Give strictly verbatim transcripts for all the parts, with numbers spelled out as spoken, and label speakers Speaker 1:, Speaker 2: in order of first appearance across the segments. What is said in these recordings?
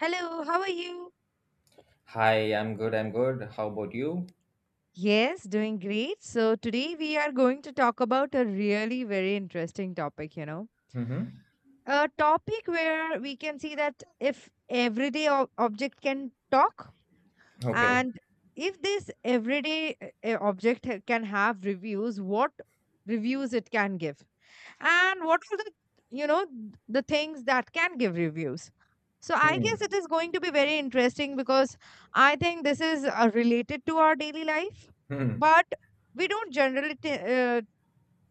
Speaker 1: Hello, how are you?
Speaker 2: Hi, I'm good. I'm good. How about you?
Speaker 1: Yes, doing great. So today we are going to talk about a really very interesting topic, you know.
Speaker 2: Mm-hmm.
Speaker 1: A topic where we can see that if everyday ob- object can talk,
Speaker 2: Okay.
Speaker 1: and if this everyday uh, uh, object ha- can have reviews, what reviews it can give, and what are the you know the things that can give reviews. So I guess
Speaker 2: Hmm.
Speaker 1: it is going to be very interesting because I think this is uh, related to our daily life.
Speaker 2: Hmm.
Speaker 1: But we don't generally ta- uh,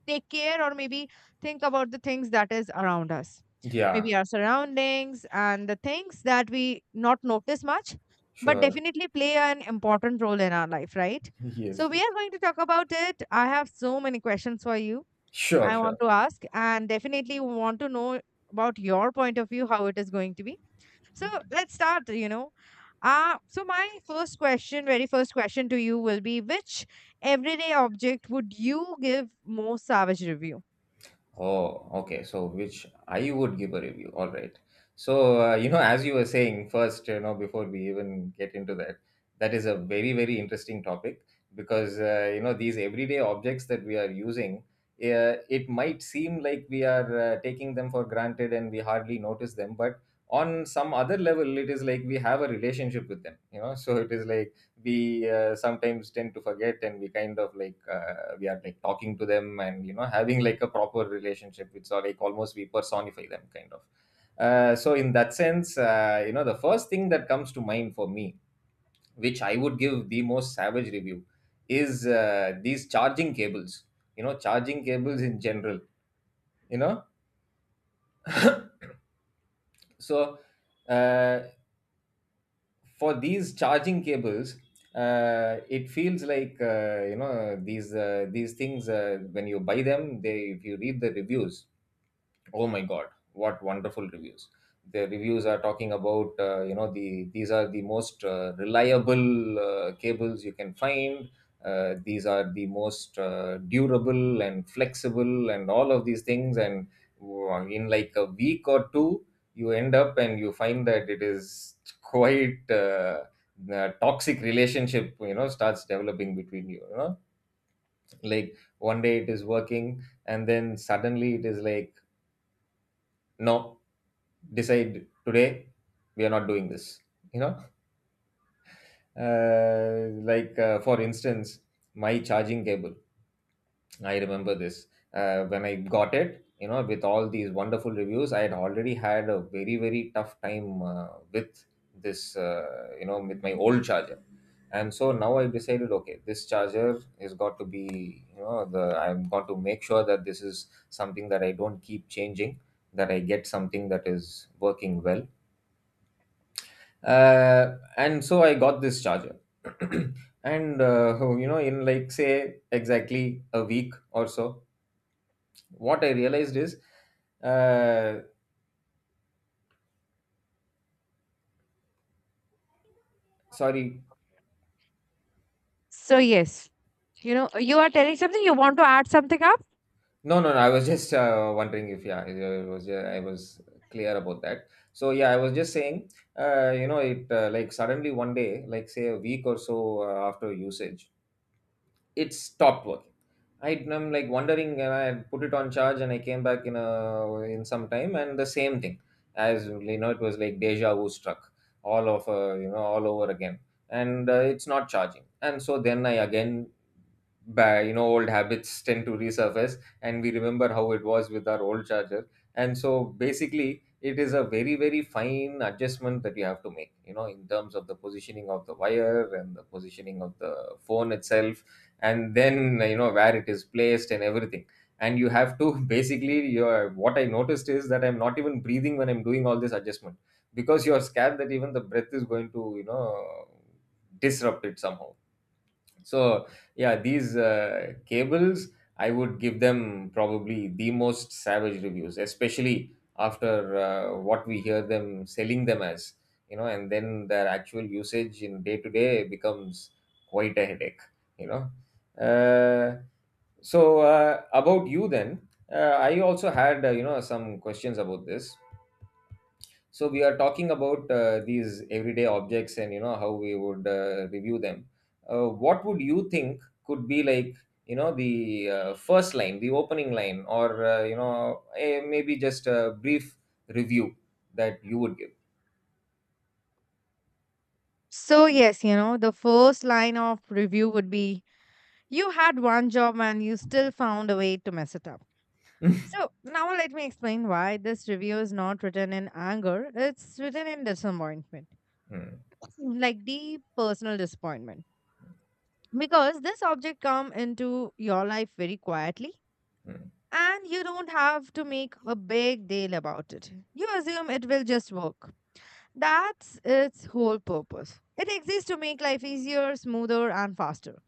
Speaker 1: take care, or maybe think about the things that is around us,
Speaker 2: Yeah,
Speaker 1: maybe our surroundings and the things that we not notice much, but
Speaker 2: sure.
Speaker 1: definitely play an important role in our life, right? So
Speaker 2: Yes,
Speaker 1: we
Speaker 2: yes.
Speaker 1: are going to talk about it. I have so many questions for you
Speaker 2: Sure,
Speaker 1: I want
Speaker 2: sure.
Speaker 1: to ask, and definitely want to know about your point of view, how it is going to be. So let's start, you know. Uh, so my first question, very first question to you will be, which everyday object would you give most savage review?
Speaker 2: Oh, okay. So, which I would give a review. All right. So, uh, you know, as you were saying first, you know, before we even get into that, that is a very, very interesting topic because, uh, you know, these everyday objects that we are using, uh, it might seem like we are uh, taking them for granted and we hardly notice them. But on some other level, it is like we have a relationship with them, you know. So, it is like, we uh, sometimes tend to forget, and we kind of like uh, we are like talking to them and you know having like a proper relationship. It's all like almost we personify them kind of uh, So in that sense uh, you know the first thing that comes to mind for me, which I would give the most savage review, is uh, these charging cables. you know charging cables in general you know so uh, for these charging cables, uh, it feels like uh, you know these uh, these things, uh, when you buy them, they, if you read the reviews, oh my god, what wonderful reviews. The reviews are talking about, uh, you know the, these are the most uh, reliable uh, cables you can find. Uh, these are the most uh, durable and flexible and all of these things. And wow, in like a week or two, you end up and you find that it is quite uh, The toxic relationship you know starts developing between you you know Like one day it is working, and then suddenly it is like, no, decide today, we are not doing this you know uh, like, uh, for instance, my charging cable, I remember this. Uh, when I got it, you know with all these wonderful reviews, I had already had a very, very tough time uh, with this, uh, you know with my old charger. And so now I decided, okay, this charger is got to be, you know the, I'm got to make sure that this is something that I don't keep changing, that I get something that is working well. Uh, and so I got this charger. And uh, you know in like, say, exactly a week or so, what I realized is uh, Sorry.
Speaker 1: So yes, you know, you are telling something, you want to add something up?
Speaker 2: No, no, no, I was just uh, wondering if, yeah, it was, yeah, I was clear about that. So yeah, I was just saying, uh, you know it, uh, like suddenly one day, like say a week or so uh, after usage, it stopped working. I am like wondering, and I had put it on charge, and I came back in a in some time, and the same thing, as you know, it was like deja vu struck all of uh, you know all over again, and uh, it's not charging. And so then I again, by you know, old habits tend to resurface, and we remember how it was with our old charger. And so basically, it is a very, very fine adjustment that you have to make, you know, in terms of the positioning of the wire and the positioning of the phone itself, and then you know where it is placed and everything. And you have to, basically, your, what I noticed is that I'm not even breathing when I'm doing all this adjustment, because you're scared that even the breath is going to, you know disrupt it somehow. So yeah, these uh, cables, I would give them probably the most savage reviews, especially after uh, what we hear them selling them as, you know and then their actual usage in day to day becomes quite a headache you know uh, so uh, about you then. uh, I also had, uh, you know some questions about this. So we are talking about uh, these everyday objects, and you know how we would uh, review them. Uh, what would you think could be like, you know the uh, first line, the opening line, or uh, you know eh, maybe just a brief review that you would give?
Speaker 1: So, yes, you know, the first line of review would be, you had one job and you still found a way to mess it up. So, now let me explain why this review is not written in anger, it's written in disappointment,
Speaker 2: Hmm,
Speaker 1: like deep personal disappointment. Because this object come into your life very quietly,
Speaker 2: hmm,
Speaker 1: and you don't have to make a big deal about it. You assume it will just work. That's its whole purpose. It exists to make life easier, smoother and faster.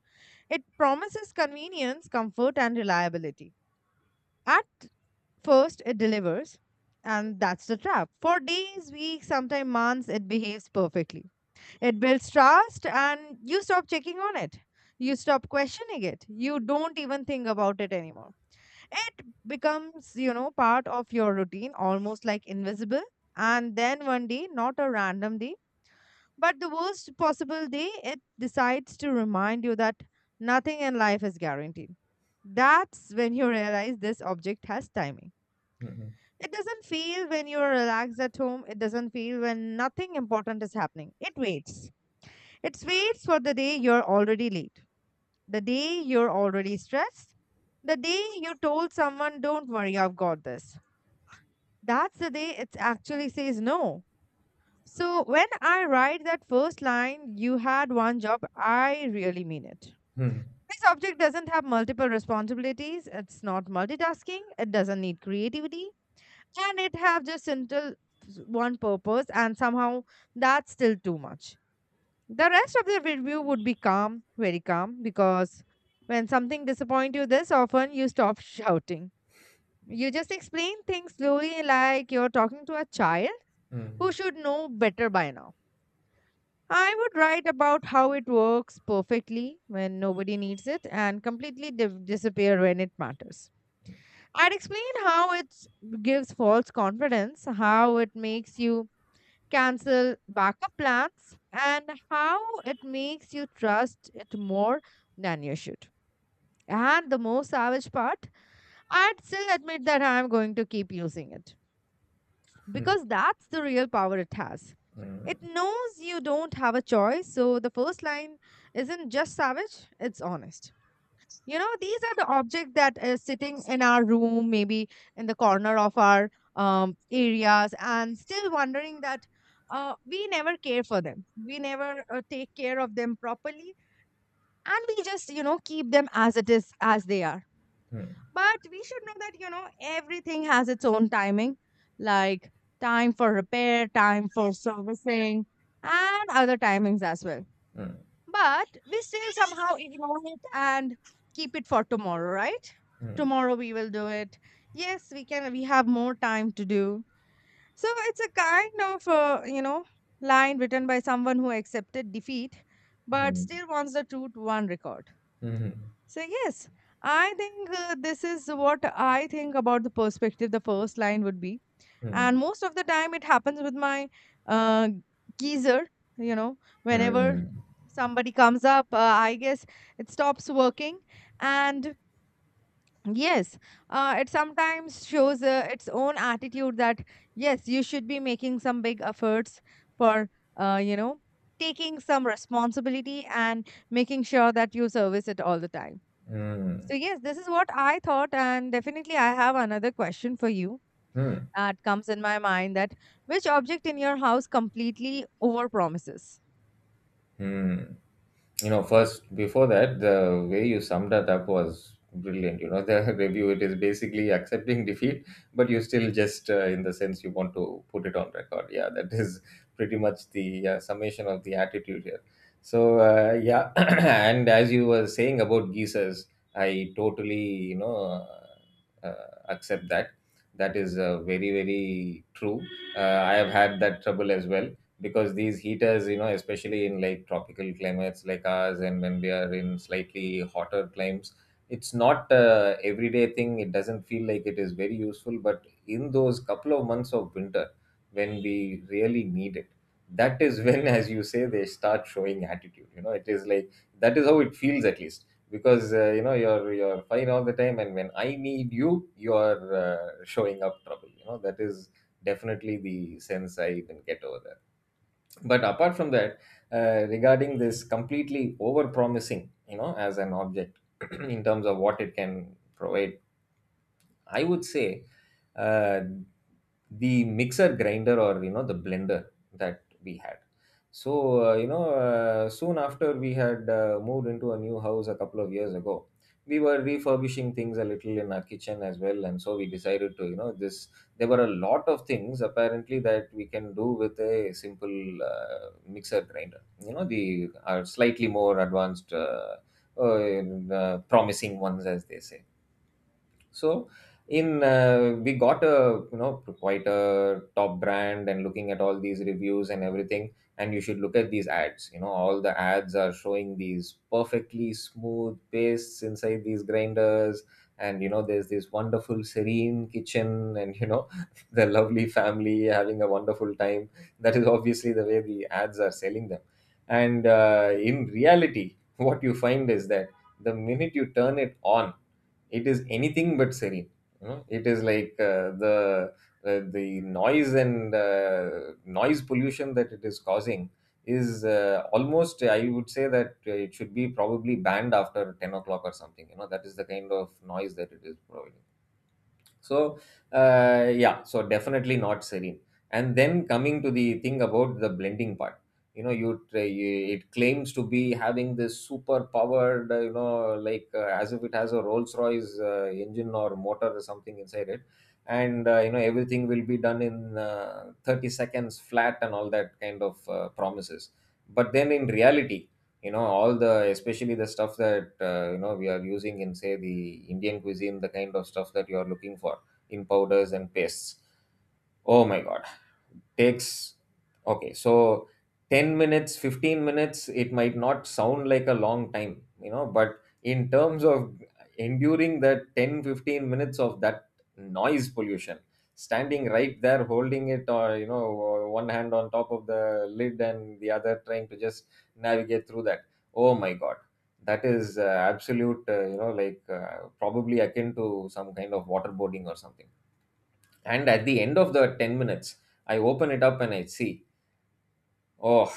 Speaker 1: It promises convenience, comfort, and reliability. At first, it delivers, and that's the trap. For days, weeks, sometimes months, it behaves perfectly. It builds trust, and you stop checking on it. You stop questioning it. You don't even think about it anymore. It becomes, you know, part of your routine, almost like invisible. And then one day, not a random day, but the worst possible day, it decides to remind you that nothing in life is guaranteed. That's when you realize this object has timing.
Speaker 2: hmm,
Speaker 1: It doesn't feel when you're relaxed at home. It doesn't feel when nothing important is happening. It waits. It waits for the day you're already late, the day you're already stressed, the day you told someone, don't worry, I've got this. That's the day it actually says no. So when I write that first line, you had one job, I really mean it.
Speaker 2: hmm,
Speaker 1: This object doesn't have multiple responsibilities, it's not multitasking, it doesn't need creativity, and it have just central s- one purpose, and somehow that's still too much. The rest of the review would be calm, very calm, because when something disappoints you this often, you stop shouting. You just explain things slowly like you're talking to a child who should know better by now. I would write about how it works perfectly when nobody needs it and completely div disappear when it matters. I'd explain how it gives false confidence, how it makes you cancel backup plans, and how it makes you trust it more than you should. And the most savage part, I'd still admit that I'm going to keep using it,
Speaker 2: hmm,
Speaker 1: because that's the real power it has.
Speaker 2: hmm,
Speaker 1: It
Speaker 2: hmm,
Speaker 1: knows you don't have a choice, so the first line isn't just savage, it's honest. You know, these are the objects that is sitting in our room, maybe in the corner of our um, areas, and still wondering that uh, we never care for them. We never uh, take care of them properly, and we just, you know, keep them as it is, as they are.
Speaker 2: hmm, hmm,
Speaker 1: But we should know that, you know, everything has its own timing, like time for repair, time for servicing, and other timings as well. But we still somehow ignore it and keep it for tomorrow, right? Tomorrow we will do it. Yes, we can, we have more time to do. So it's a kind of, uh, you know, line written by someone who accepted defeat but
Speaker 2: hmm,
Speaker 1: still wants the truth one record.
Speaker 2: hmm, hmm, hmm,
Speaker 1: So yes, I think uh, this is what I think about the perspective. The first line would be, and most of the time it happens with my uh, geezer. You know, whenever
Speaker 2: hmm,
Speaker 1: somebody comes up, uh, I guess it stops working, and yes, uh, it sometimes shows uh, its own attitude that yes, you should be making some big efforts for uh, you know taking some responsibility and making sure that you service it all the time.
Speaker 2: hmm,
Speaker 1: So yes, this is what I thought, and definitely I have another question for you
Speaker 2: hmm, hmm.
Speaker 1: that comes in my mind, that which object in your house completely overpromises?
Speaker 2: Hmm. you know first, before that, the way you summed it up was brilliant, you know the review, it is basically accepting defeat, but you still just, uh, in the sense, you want to put it on record. Yeah, that is pretty much the uh, summation of the attitude here. So uh, yeah. And as you were saying about geysers, I totally, you know uh, uh, accept that, that is uh, very, very true. uh, I have had that trouble as well, because these heaters, you know especially in like tropical climates like ours, and when we are in slightly hotter climes, it's not a everyday thing, it doesn't feel like it is very useful. But in those couple of months of winter, when we really need it, that is when, as you say, they start showing attitude. you know it is like, that is how it feels at least, because uh, you know you're you're fine all the time, and when I need you, you're uh, showing up trouble. you know that is definitely the sense I even get over there. But apart from that, uh, regarding this completely over promising you know as an object, in terms of what it can provide, I would say, uh, the mixer grinder, or you know the blender that we had. So uh, you know uh, soon after we had uh, moved into a new house a couple of years ago, we were refurbishing things a little in our kitchen as well, and so we decided to, you know this. There were a lot of things apparently that we can do with a simple uh, mixer grinder. You know the, our slightly more advanced. Uh, uh, uh, promising ones, as they say. So in, uh, we got a, you know quite a top brand, and looking at all these reviews and everything. And you should look at these ads. you know all the ads are showing these perfectly smooth pastes inside these grinders. And you know there's this wonderful serene kitchen, and you know the lovely family having a wonderful time. That is obviously the way the ads are selling them. And uh, in reality, what you find is that the minute you turn it on, it is anything but serene. you know it is like, uh, the uh, the noise, and uh, noise pollution that it is causing, is uh, almost, I would say, that uh, it should be probably banned after 10 o'clock or something. you know that is the kind of noise that it is providing. So, uh, yeah, so definitely not serene. And then coming to the thing about the blending part, you know, you, tra- you, it claims to be having this super powered, uh, you know, like, uh, as if it has a Rolls Royce uh, engine or motor or something inside it. And uh, you know everything will be done in uh, 30 seconds flat and all that kind of uh, promises. But then in reality, you know all the, especially the stuff that, uh, you know we are using in, say, the Indian cuisine, the kind of stuff that you are looking for in powders and pastes. Oh my god, takes, okay, so 10 minutes, 15 minutes, it might not sound like a long time, you know but in terms of enduring that ten, fifteen minutes of that noise pollution, standing right there holding it, or you know one hand on top of the lid and the other trying to just navigate through that. Oh my god, that is uh, absolute, uh, you know like uh, probably akin to some kind of waterboarding or something. And at the end of the 10 minutes, I open it up and I see, oh,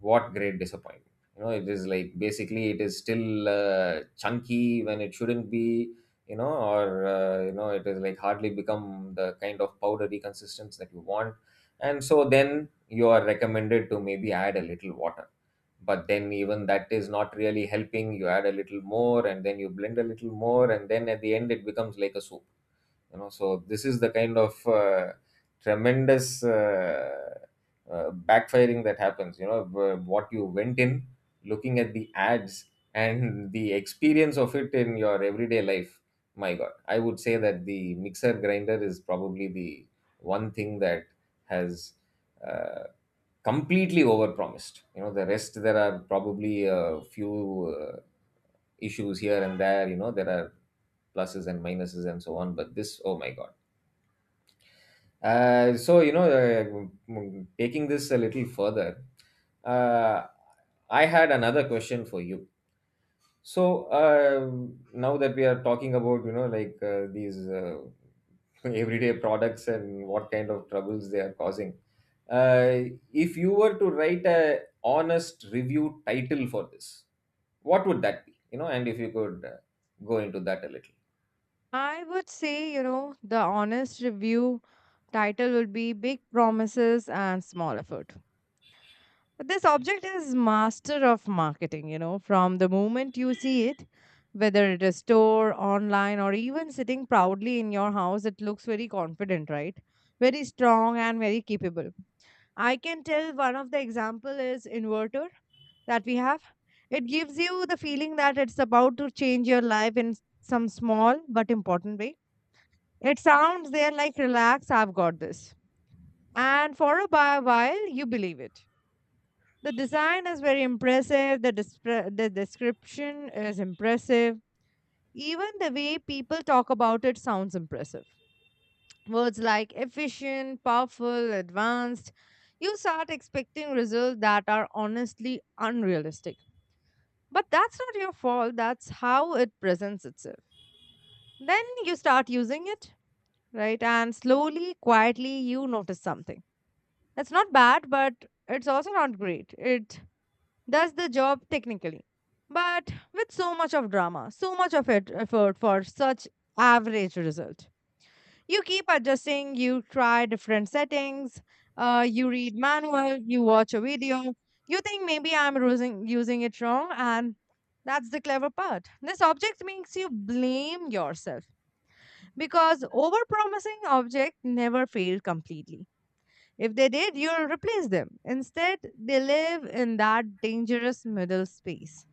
Speaker 2: what great disappointment. You know, it is like basically it is still uh, chunky when it shouldn't be, you know, or, uh, you know, it is like hardly become the kind of powdery consistency that you want. And so then you are recommended to maybe add a little water. But then even that is not really helping. You add a little more, and then you blend a little more. And then at the end, it becomes like a soup. You know so this is the kind of uh, tremendous uh, uh, backfiring that happens. You know wh- what you went in looking at the ads and the experience of it in your everyday life. My God, I would say that the mixer grinder is probably the one thing that has uh, completely overpromised. You know the rest, there are probably a few uh, issues here and there. You know there are pluses and minuses and so on. But this, oh my God. Uh, so you know, uh, mm, taking this a little further, uh, I had another question for you. So uh, now that we are talking about, you know like uh, these uh, everyday products and what kind of troubles they are causing, uh, if you were to write a honest review title for this, what would that be? You know, and if you could uh, go into that a little.
Speaker 1: I would say, you know, the honest review title would be, Big Promises and Small Effort. This object is master of marketing, you know, from the moment you see it, whether it is store, online, or even sitting proudly in your house, it looks very confident, right? Very strong and very capable. I can tell, one of the example is inverter that we have. It gives you the feeling that it's about to change your life in some small but important way. It sounds there like, relax, I've got this. And for a bi- while, you believe it. The design is very impressive. The, despre- the description is impressive. Even the way people talk about it sounds impressive. Words like efficient, powerful, advanced. You start expecting results that are honestly unrealistic. But that's not your fault. That's how it presents itself. Then you start using it, right? And slowly, quietly, you notice something. That's not bad, but it's also not great. It does the job technically, but with so much of drama, so much of it, effort for such average result. You keep adjusting, you try different settings, uh, you read manual, you watch a video, you think maybe I'm using, using it wrong, and that's the clever part. This object makes you blame yourself because overpromising object never fail completely. If they did, you'll replace them. Instead, they live in that dangerous middle space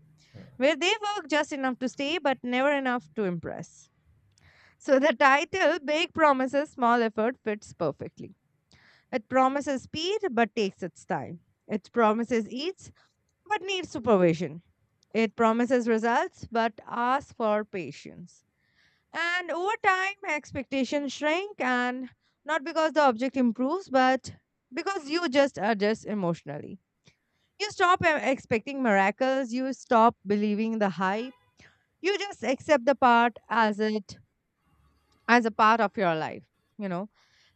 Speaker 1: where they work just enough to stay but never enough to impress. So the title, Big Promises, Small Effort, fits perfectly. It promises speed but takes its time. It promises eats but needs supervision. It promises results but asks for patience. And over time, expectations shrink, and not because the object improves, but because you just adjust emotionally. You stop uh, expecting miracles, you stop believing the hype. You just accept the part as it as a part of your life you know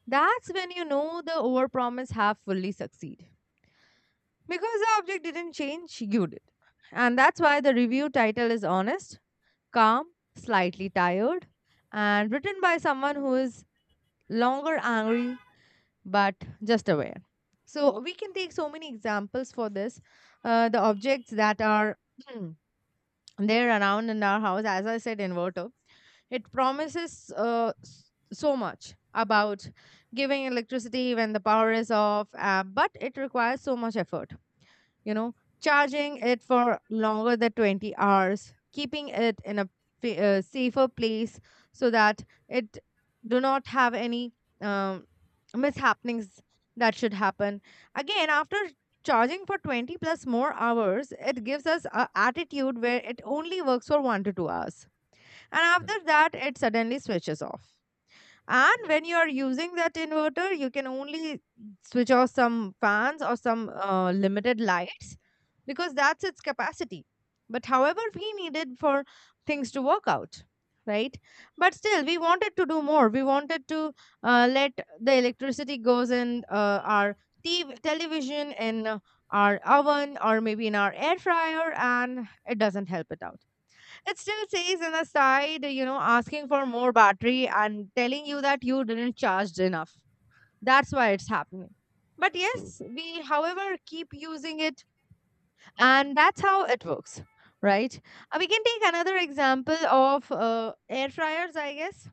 Speaker 1: that's when you know the overpromise have fully succeed, because the object didn't change, you did. And that's why the review title is honest, calm, slightly tired, and written by someone who is longer angry but just aware. So we can take so many examples for this. Uh, the objects that are they're around in our house, as I said, inverter. It promises uh, s- so much about giving electricity when the power is off, uh, but it requires so much effort, you know, charging it for longer than twenty hours, keeping it in a fa- uh, safer place so that it do not have any um, mishappenings that should happen. Again, after charging for twenty plus more hours, it gives us a attitude where it only works for one to two hours. And after that, it suddenly switches off, and when you are using that inverter, you can only switch off some fans or some uh, limited lights, because that's its capacity. But however we needed for things to work out, right? But still, we wanted to do more, we wanted to uh, let the electricity goes in uh, our T V, television, in uh, our oven, or maybe in our air fryer, and it doesn't help it out. It still says in the side, you know, asking for more battery and telling you that you didn't charge enough. That's why it's happening. But
Speaker 2: True.
Speaker 1: yes, we, however, keep using it, and that's how it works, right? Uh, we can take another example of uh, air fryers, I guess,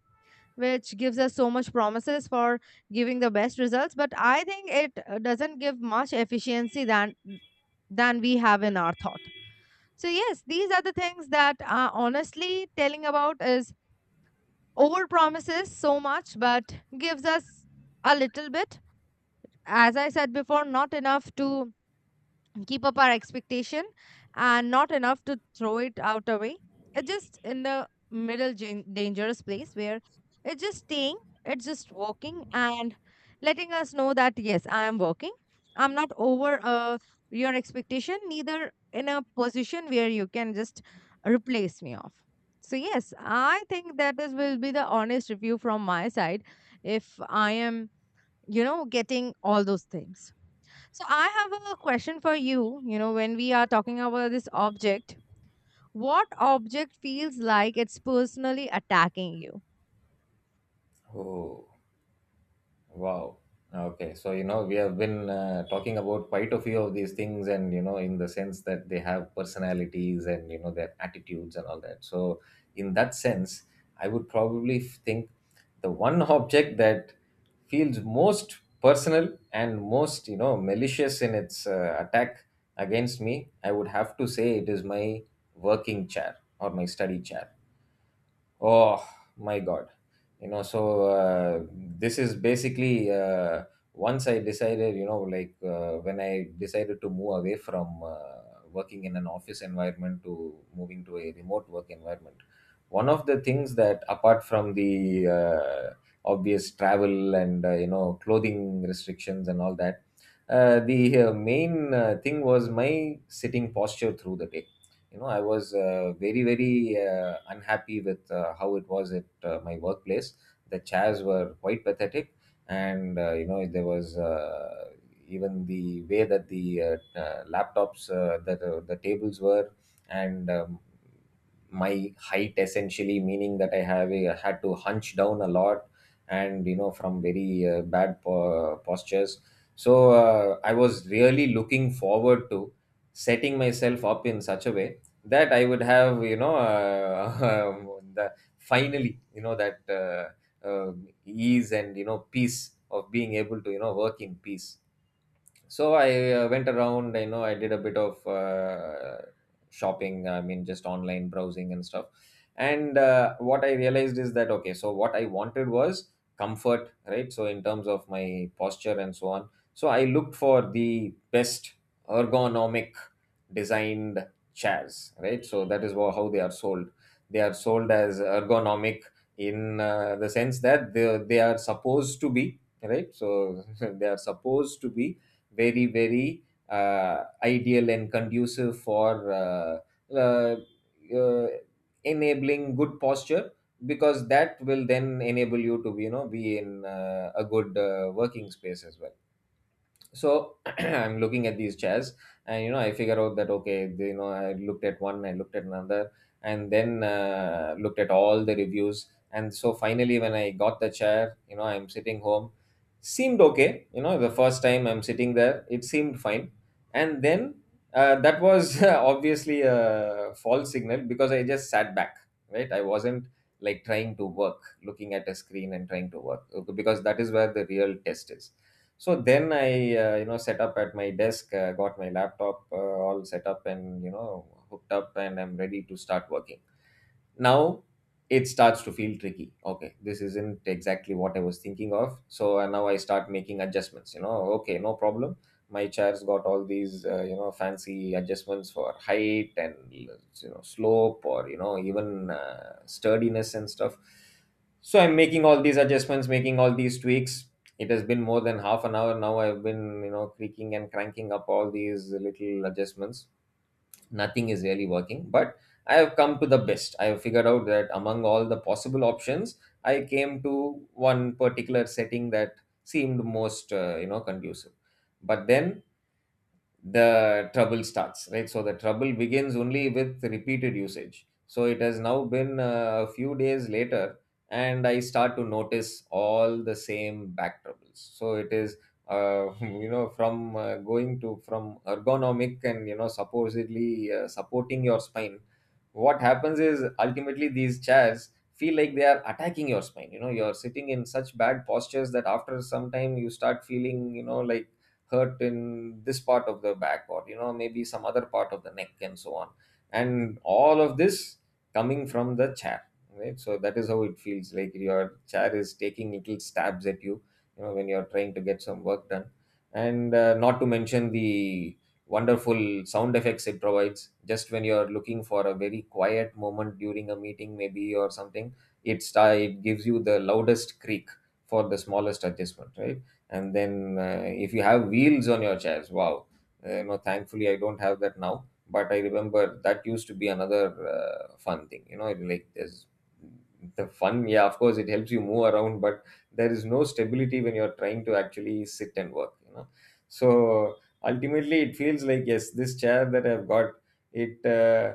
Speaker 1: which gives us so much promises for giving the best results, but I think it uh, doesn't give much efficiency than than we have in our thought. So yes, these are the things that uh, honestly telling about is, over promises so much but gives us a little bit, as I said before, not enough to keep up our expectation and not enough to throw it out away. It's just in the middle jan- dangerous place where it's just staying, it's just walking, and letting us know that, yes, I am working. I'm not over uh, your expectation, neither in a position where you can just replace me off. So yes, I think that this will be the honest review from my side if I am, you know, getting all those things. So I have a question for you. You know, when we are talking about this object, what object feels like it's personally attacking you?
Speaker 2: Oh. Wow. Okay. So, you know, we have been uh, talking about quite a few of these things, and, you know, in the sense that they have personalities and, you know, their attitudes and all that. So, in that sense, I would probably f- think the one object that feels most personal and most, you know, malicious in its uh, attack against me. I would have to say it is my working chair or my study chair. Oh my God. You know, so uh, this is basically uh, once I decided, you know, like uh, when I decided to move away from uh, working in an office environment to moving to a remote work environment. One of the things that, apart from the uh, obvious travel and, uh, you know, clothing restrictions and all that, uh, the uh, main uh, thing, was my sitting posture through the day. you know I was uh, very very uh, unhappy with uh, how it was at uh, my workplace. The chairs were quite pathetic. And uh, you know there was, uh, even the way that the uh, uh, laptops, uh, that uh, the tables were, and um, my height, essentially meaning that I have a, had to hunch down a lot, and you know from very uh, bad po- postures. So uh, I was really looking forward to setting myself up in such a way that I would have, you know, uh, the finally, you know, that uh, um ease and you know peace of being able to you know work in peace. So I uh, went around. you know, I did a bit of uh, shopping, I mean, just online browsing and stuff. And uh, what I realized is that, okay, so what I wanted was comfort, right? So, in terms of my posture and so on. So, I looked for the best ergonomic designed chairs, right? So, that is wha- how they are sold. They are sold as ergonomic in uh, the sense that they, they are supposed to be, right? So, they are supposed to be very very uh, ideal and conducive for uh, uh, uh, enabling good posture, because that will then enable you to you know be in uh, a good uh, working space as well. So I'm looking at these chairs, and you know I figure out that, okay, they, you know I looked at one, I looked at another, and then uh, looked at all the reviews. And so finally when I got the chair, you know I'm sitting home. Seemed okay. You know the first time I'm sitting there, it seemed fine. And then uh, that was obviously a false signal because I just sat back. Right, I wasn't like trying to work, looking at a screen and trying to work, because that is where the real test is. So then I, uh, you know, set up at my desk, uh, got my laptop uh, all set up and, you know, hooked up, and I'm ready to start working. Now it starts to feel tricky. Okay, this isn't exactly what I was thinking of. So uh, now I start making adjustments. You know okay, no problem. My chair's got all these uh, you know fancy adjustments for height, and you know slope, or you know even uh, sturdiness and stuff. So I'm making all these adjustments, making all these tweaks. It has been more than half an hour now. I've been you know creaking and cranking up all these little adjustments. Nothing is really working, but I have come to the best. I have figured out that among all the possible options, I came to one particular setting that seemed most uh, you know conducive. But then the trouble starts, right? So the trouble begins only with repeated usage. So it has now been uh, a few days later, and I start to notice all the same back troubles. So it is, uh, you know, from uh, going to, from ergonomic and you know supposedly uh, supporting your spine. What happens is, ultimately these chairs feel like they are attacking your spine. You know, you're sitting in such bad postures that after some time you start feeling, you know, like hurt in this part of the back, or you know maybe some other part of the neck and so on, and all of this coming from the chair, right? So that is how it feels like your chair is taking little stabs at you, you know when you're trying to get some work done. And uh, not to mention the wonderful sound effects it provides just when you're looking for a very quiet moment during a meeting maybe or something. It sta- it gives you the loudest creak for the smallest adjustment, right? And then uh, if you have wheels on your chairs, wow. Uh, you know thankfully I don't have that now, but I remember that used to be another uh, fun thing. You know it, like There's the fun, yeah, of course it helps you move around, but there is no stability when you're trying to actually sit and work, you know so ultimately it feels like, yes, this chair that I've got, it uh,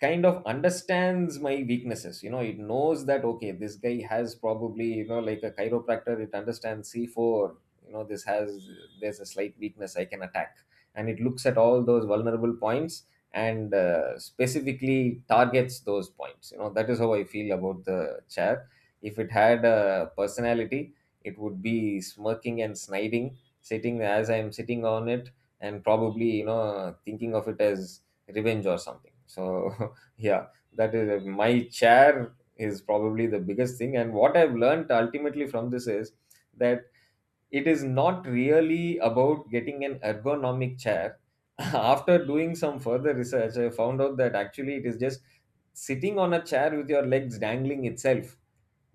Speaker 2: kind of understands my weaknesses. You know it knows that, okay, this guy has probably, you know like a chiropractor, it understands C four. you know this has There's a slight weakness I can attack, and it looks at all those vulnerable points, and uh, specifically targets those points. You know that is how I feel about the chair. If it had a personality, it would be smirking and sniding, sitting as I am sitting on it, and probably you know thinking of it as revenge or something. So yeah, that is uh, my chair is probably the biggest thing. And what I've learned ultimately from this is that it is not really about getting an ergonomic chair. After doing some further research, I found out that actually it is just sitting on a chair with your legs dangling itself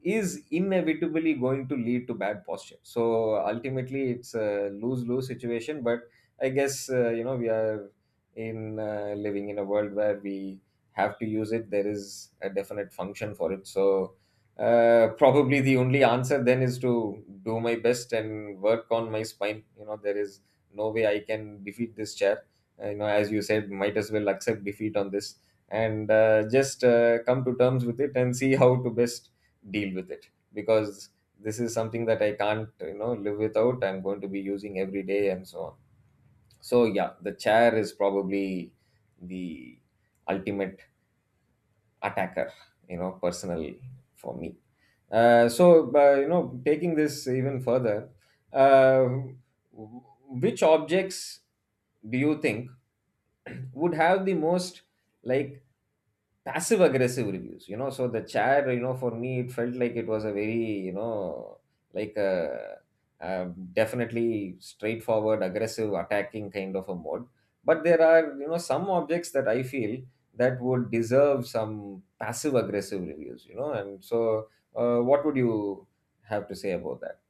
Speaker 2: is inevitably going to lead to bad posture. So ultimately, it's a lose-lose situation. But I guess uh, you know we are in uh, living in a world where we have to use it. There is a definite function for it. So uh, probably the only answer then is to do my best and work on my spine. You know there is no way I can defeat this chair. Uh, you know, as you said, might as well accept defeat on this, and uh, just uh, come to terms with it and see how to best deal with it, because this is something that I can't, you know, live without. I'm going to be using every day and so on. So yeah, the chair is probably the ultimate attacker, you know, personally for me. Uh, so uh, you know, taking this even further, uh, which objects do you think would have the most, like, passive aggressive reviews? You know so the chat, you know for me, it felt like it was a very, you know like a, a definitely straightforward aggressive attacking kind of a mode. But there are, you know some objects that I feel that would deserve some passive aggressive reviews. You know and so uh, what would you have to say about that?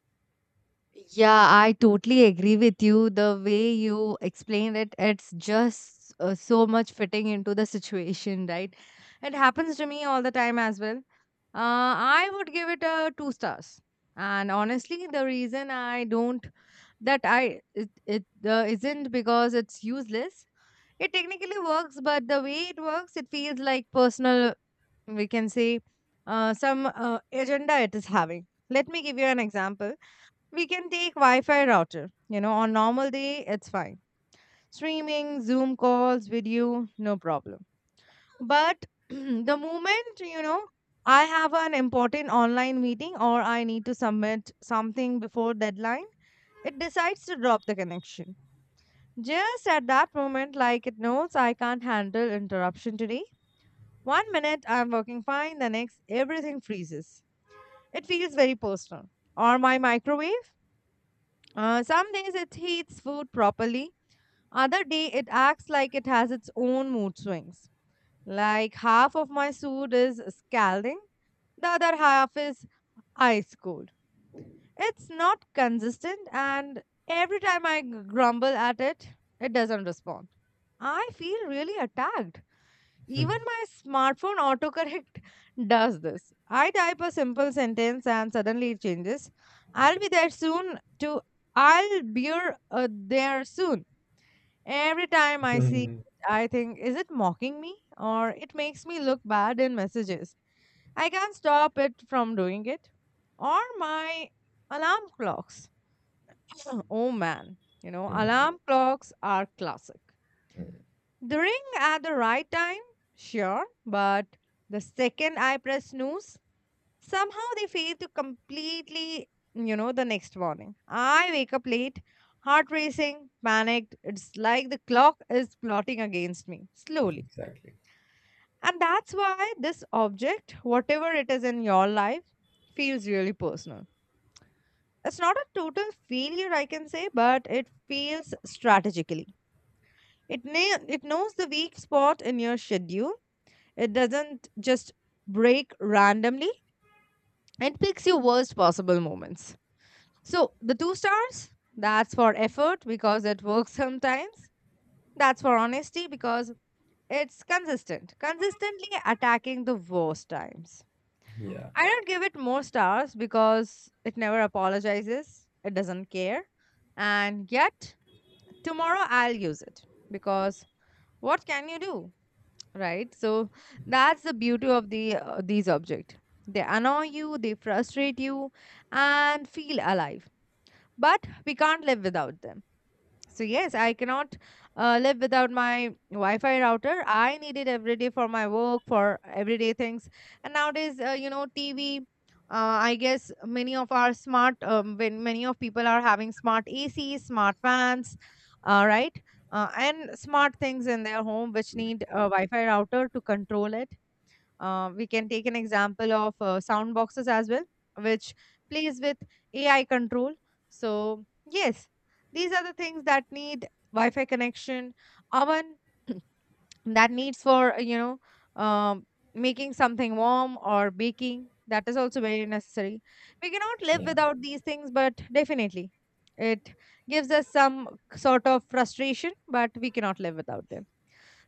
Speaker 1: Yeah, I totally agree with you. The way you explained it, it's just uh, so much fitting into the situation, right? It happens to me all the time as well. Uh, I would give it a two stars. And honestly, the reason I don't that I it, it uh, isn't because it's useless. It technically works, but the way it works, it feels like personal, we can say, uh, some uh, agenda it is having. Let me give you an example. We can take Wi Fi router. You know, on normal day, it's fine. Streaming, Zoom calls, video, no problem. But the moment, you know, I have an important online meeting or I need to submit something before deadline, it decides to drop the connection. Just at that moment, like it knows I can't handle interruption today. One minute I'm working fine, the next everything freezes. It feels very personal. Or my microwave. Uh, some days it heats food properly, other day it acts like it has its own mood swings. Like half of my soup is scalding, the other half is ice cold. It's not consistent, and every time I grumble at it, it doesn't respond. I feel really attacked. Even my smartphone autocorrect does this. I type a simple sentence and suddenly it changes. I'll be there soon to I'll be uh, there soon. Every time I see it, I think, is it mocking me or it makes me look bad in messages? I can't stop it from doing it. Or my alarm clocks. Oh man, you know,
Speaker 2: Mm,
Speaker 1: alarm clocks are classic.
Speaker 2: mm, mm.
Speaker 1: The ring at the right time? Sure, but the second I press snooze, somehow they fail to completely, you know, the next morning. I wake up late, heart racing, panicked. It's like the clock is plotting against me slowly.
Speaker 2: Exactly.
Speaker 1: And that's why this object, whatever it is in your life, feels really personal. It's not a total failure, I can say, but it feels strategically. It, na- it knows the weak spot in your schedule. It doesn't just break randomly and picks your worst possible moments. So the two stars, that's for effort because it works sometimes. That's for honesty because it's consistent, consistently attacking the worst times.
Speaker 2: Yeah.
Speaker 1: I don't give it more stars because it never apologizes, it doesn't care. And yet, tomorrow I'll use it because what can you do? Right, so that's the beauty of the uh, these objects. They annoy you, they frustrate you and feel alive, but we can't live without them. So yes, I cannot uh, live without my Wi-Fi router. I need it every day for my work, for everyday things. And nowadays, uh, you know, T V. Uh, I guess many of our smart, um, when many of people are having smart A Cs, smart fans, uh, right, uh, and smart things in their home which need a Wi-Fi router to control it. Uh, we can take an example of uh, sound boxes as well, which plays with A I control. So, yes, these are the things that need Wi-Fi connection, oven that needs for, uh, you know, um, making something warm or baking. That is also very necessary. We cannot live
Speaker 2: Yeah,
Speaker 1: without these things, but definitely it gives us some sort of frustration, but we cannot live without them.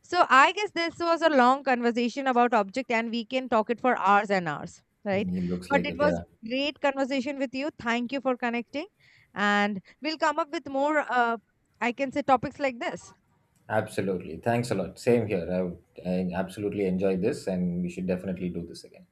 Speaker 1: So I guess this was a long conversation about object and we can talk it for hours and hours, right?
Speaker 2: he looks
Speaker 1: But
Speaker 2: like
Speaker 1: it
Speaker 2: it,
Speaker 1: was
Speaker 2: yeah.
Speaker 1: great conversation with you. Thank you for connecting. And we'll come up with more uh, I can say topics like this.
Speaker 2: Absolutely. Thanks a lot. Same here. I, I absolutely enjoyed this, and we should definitely do this again.